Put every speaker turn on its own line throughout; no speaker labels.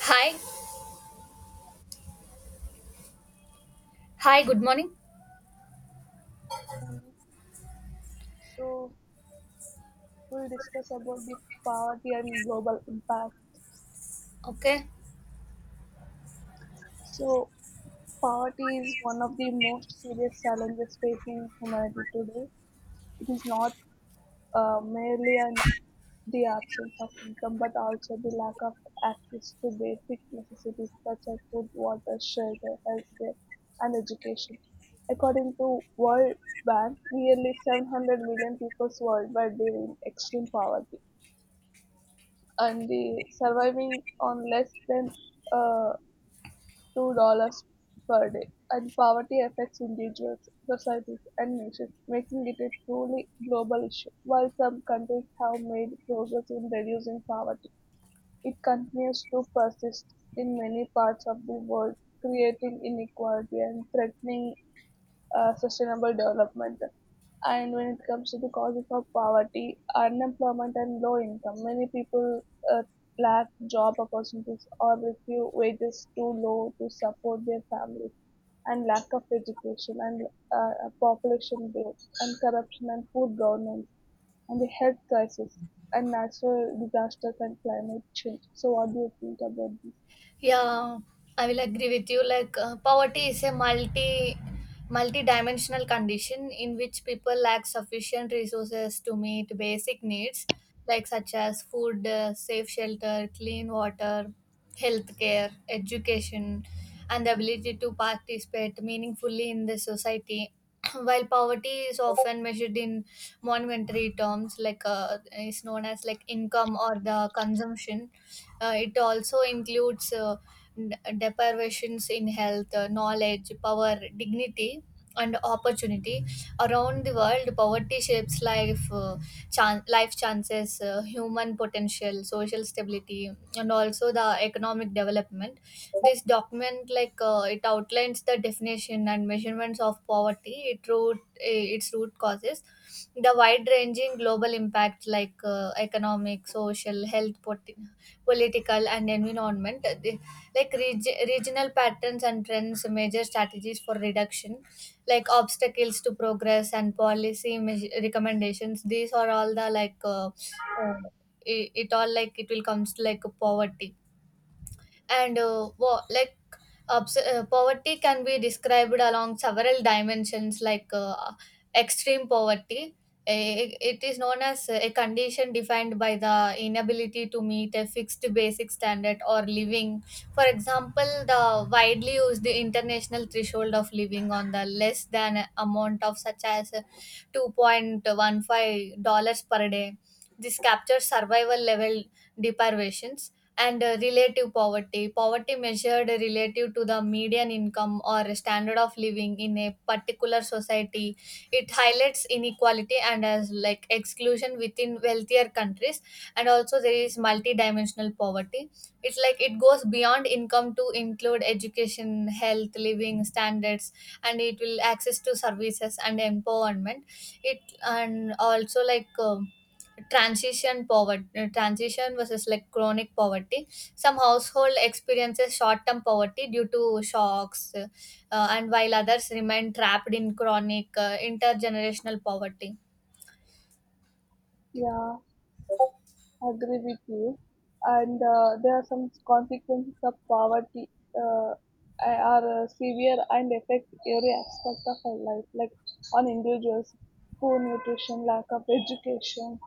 Hi, hi, good morning.
Um, so we'll discuss about the poverty and global impact.
Okay.
So poverty is one of the most serious challenges facing humanity today. It is not merely an, the absence of income, but also the lack of access to basic necessities such as food, water, shelter, healthcare, and education. According to World Bank, nearly 700 million people worldwide live in extreme poverty and the surviving on less than uh, $2 per day. And poverty affects individuals, societies, and nations, making it a truly global issue. While some countries have made progress in reducing poverty, it continues to persist in many parts of the world, creating inequality and threatening sustainable development. And when it comes to the causes of poverty, unemployment, and low income, many people uh, lack job opportunities or receive wages too low to support their families, and lack of education, and population growth, and corruption, and poor governance, and the health crisis, and natural disasters, and climate change. So, what do you think about this?
Yeah, I will agree with you. Like, poverty is a multi-dimensional condition in which people lack sufficient resources to meet basic needs like such as food, safe shelter, clean water, healthcare, education, and the ability to participate meaningfully in the society. While poverty is often measured in monetary terms, like is known as like income or the consumption, it also includes n- deprivations in health, knowledge, power, dignity, and opportunity. Around the world, poverty shapes life chances, human potential, social stability, and also the economic development. This document, like it outlines the definition and measurements of poverty, its root causes, the wide-ranging global impacts like economic, social, political and environment, like regional patterns and trends, major strategies for reduction, like obstacles to progress and policy recommendations. These are all the like uh, it all like it will comes to like poverty and like poverty can be described along several dimensions like extreme poverty. Eh, it is known as a condition defined by the inability to meet a fixed basic standard or living, for example the widely used international threshold of living on the less than amount of such as $2.15 per day. This captures survival level deprivations. And relative poverty, poverty measured relative to the median income or standard of living in a particular society. It highlights inequality and as like exclusion within wealthier countries. And also there is multidimensional poverty. It's like it goes beyond income to include education, health, living standards, and it will access to services and empowerment. It, and also like transition poverty, transition versus like chronic poverty. Some household experiences short-term poverty due to shocks, and while others remain trapped in chronic intergenerational poverty.
Yeah, agree with you. And there are some consequences of poverty uh, are severe and affect every aspect of our life, like on individuals, poor nutrition, lack of education,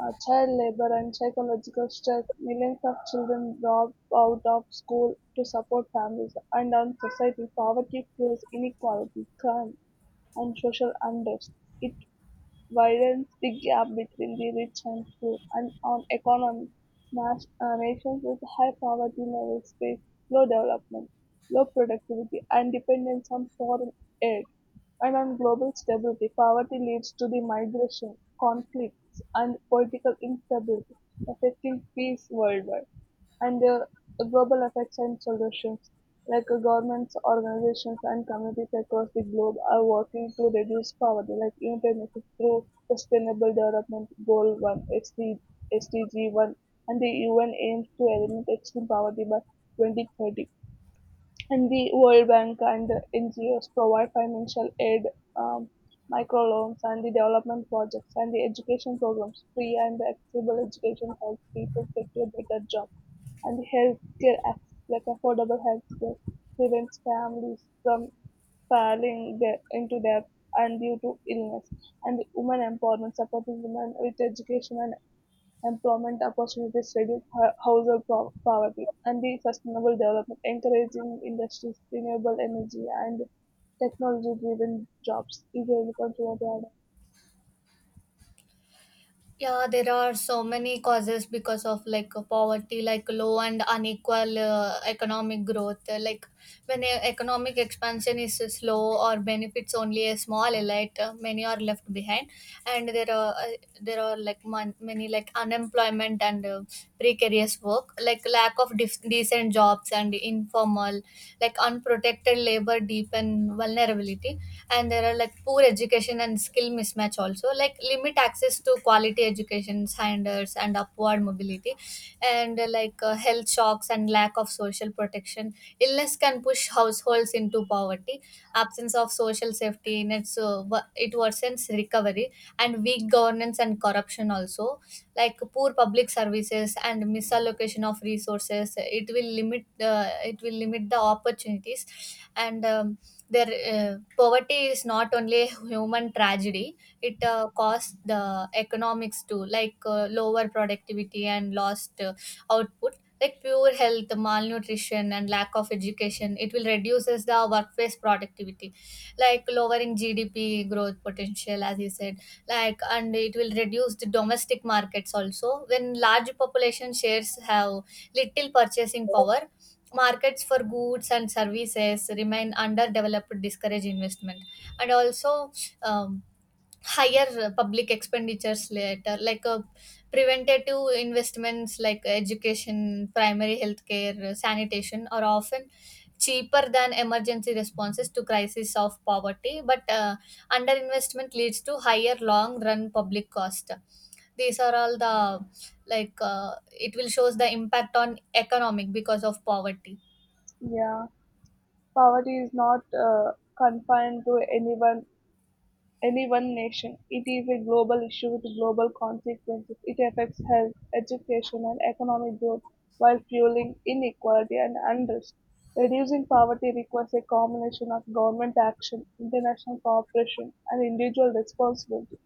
child labor, and psychological stress. Millions of children drop out of school to support families, and on society, poverty fuels inequality, crime, and social unrest. It widens the gap between the rich and poor, and on economy, nations with high poverty levels face low development, low productivity, and dependence on foreign aid. And on global stability, poverty leads to the migration, conflicts, and political instability, affecting peace worldwide and their global effects and solutions, like governments, organizations, and communities across the globe are working to reduce poverty, like United Nations through Sustainable Development Goal 1, SDG 1, and the UN aims to eliminate extreme poverty by 2030. And the World Bank and the NGOs provide financial aid, um, microloans, and the development projects and the education programs. Free and accessible education helps people secure better jobs, and healthcare access, like affordable healthcare, prevents families from into debt and due to illness. And the women empowerment supporting women with education and employment opportunities, reduce household poverty, and the sustainable development, encouraging industries, renewable energy, and technology-driven jobs. Is a responsibility.
Yeah, there are so many causes because of like poverty, like low and unequal economic growth. Like when economic expansion is slow or benefits only a small elite, many are left behind, and there are like many like unemployment and precarious work, like lack of decent jobs and informal, like unprotected labor deepen vulnerability. And there are like poor education and skill mismatch, also like limit access to quality education standards and upward mobility. And health shocks and lack of social protection, illness can push households into poverty, absence of social safety nets it worsens recovery. And weak governance and corruption also, like poor public services and misallocation of resources, it will limit the opportunities. And their, poverty is not only a human tragedy, it costs the economics too, like lower productivity and lost output. Like poor health, malnutrition, and lack of education, it will reduces the workplace productivity, like lowering GDP growth potential, as you said. Like and it will reduce the domestic markets also. When large population shares have little purchasing power, markets for goods and services remain underdeveloped, discourage investment. And also um, higher public expenditures later, like preventative investments like education, primary healthcare, sanitation are often cheaper than emergency responses to crisis of poverty, but underinvestment leads to higher long run public cost. These are all the like it will shows the impact on economic because of poverty.
Yeah, poverty is not confined to any one nation. It is a global issue with global consequences. It affects health, education, and economic growth while fueling inequality and unrest. Reducing poverty requires a combination of government action, international cooperation, and individual responsibility.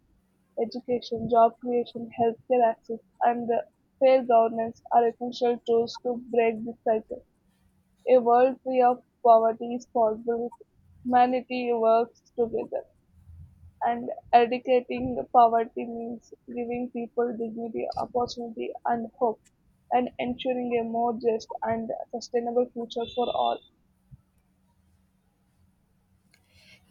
Education, job creation, healthcare access, and fair governance are essential tools to break this cycle. A world free of poverty is possible if humanity works together and eradicating poverty means giving people dignity, opportunity, and hope, and ensuring a more just and sustainable future for all.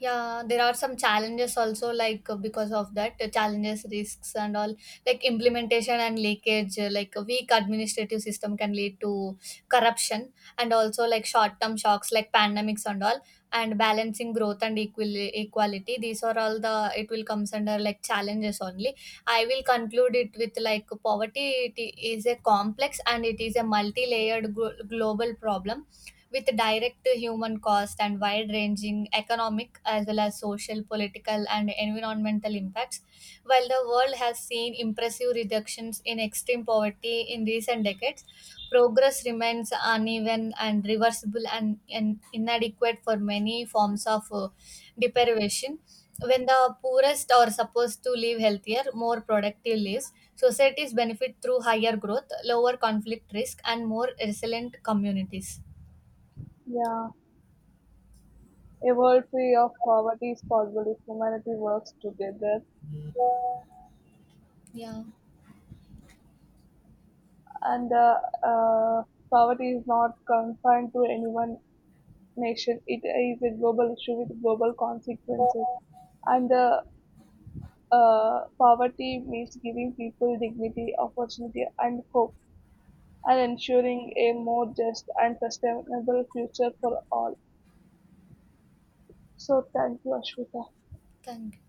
Yeah, there are some challenges also, like because of that challenges, risks, and all, like implementation and leakage, like a weak administrative system can lead to corruption. And also like short term shocks like pandemics and all, and balancing growth and equality, these are all the it will comes under like challenges only. I will conclude it with like poverty, it is a complex and it is a multi layered global problem with direct human cost and wide ranging economic as well as social, political, and environmental impacts. While the world has seen impressive reductions in extreme poverty in recent decades, progress remains uneven and reversible and inadequate for many forms of deprivation. When the poorest are supposed to live healthier, more productive lives, societies benefit through higher growth, lower conflict risk, and more resilient communities.
Yeah, a world free of poverty is possible if humanity works together,
要
and uh, poverty is not confined to any one nation. It is a global issue with global consequences, and poverty means giving people dignity, opportunity, and hope and ensuring a more just and sustainable future for all. So, thank you, Ashwita.
干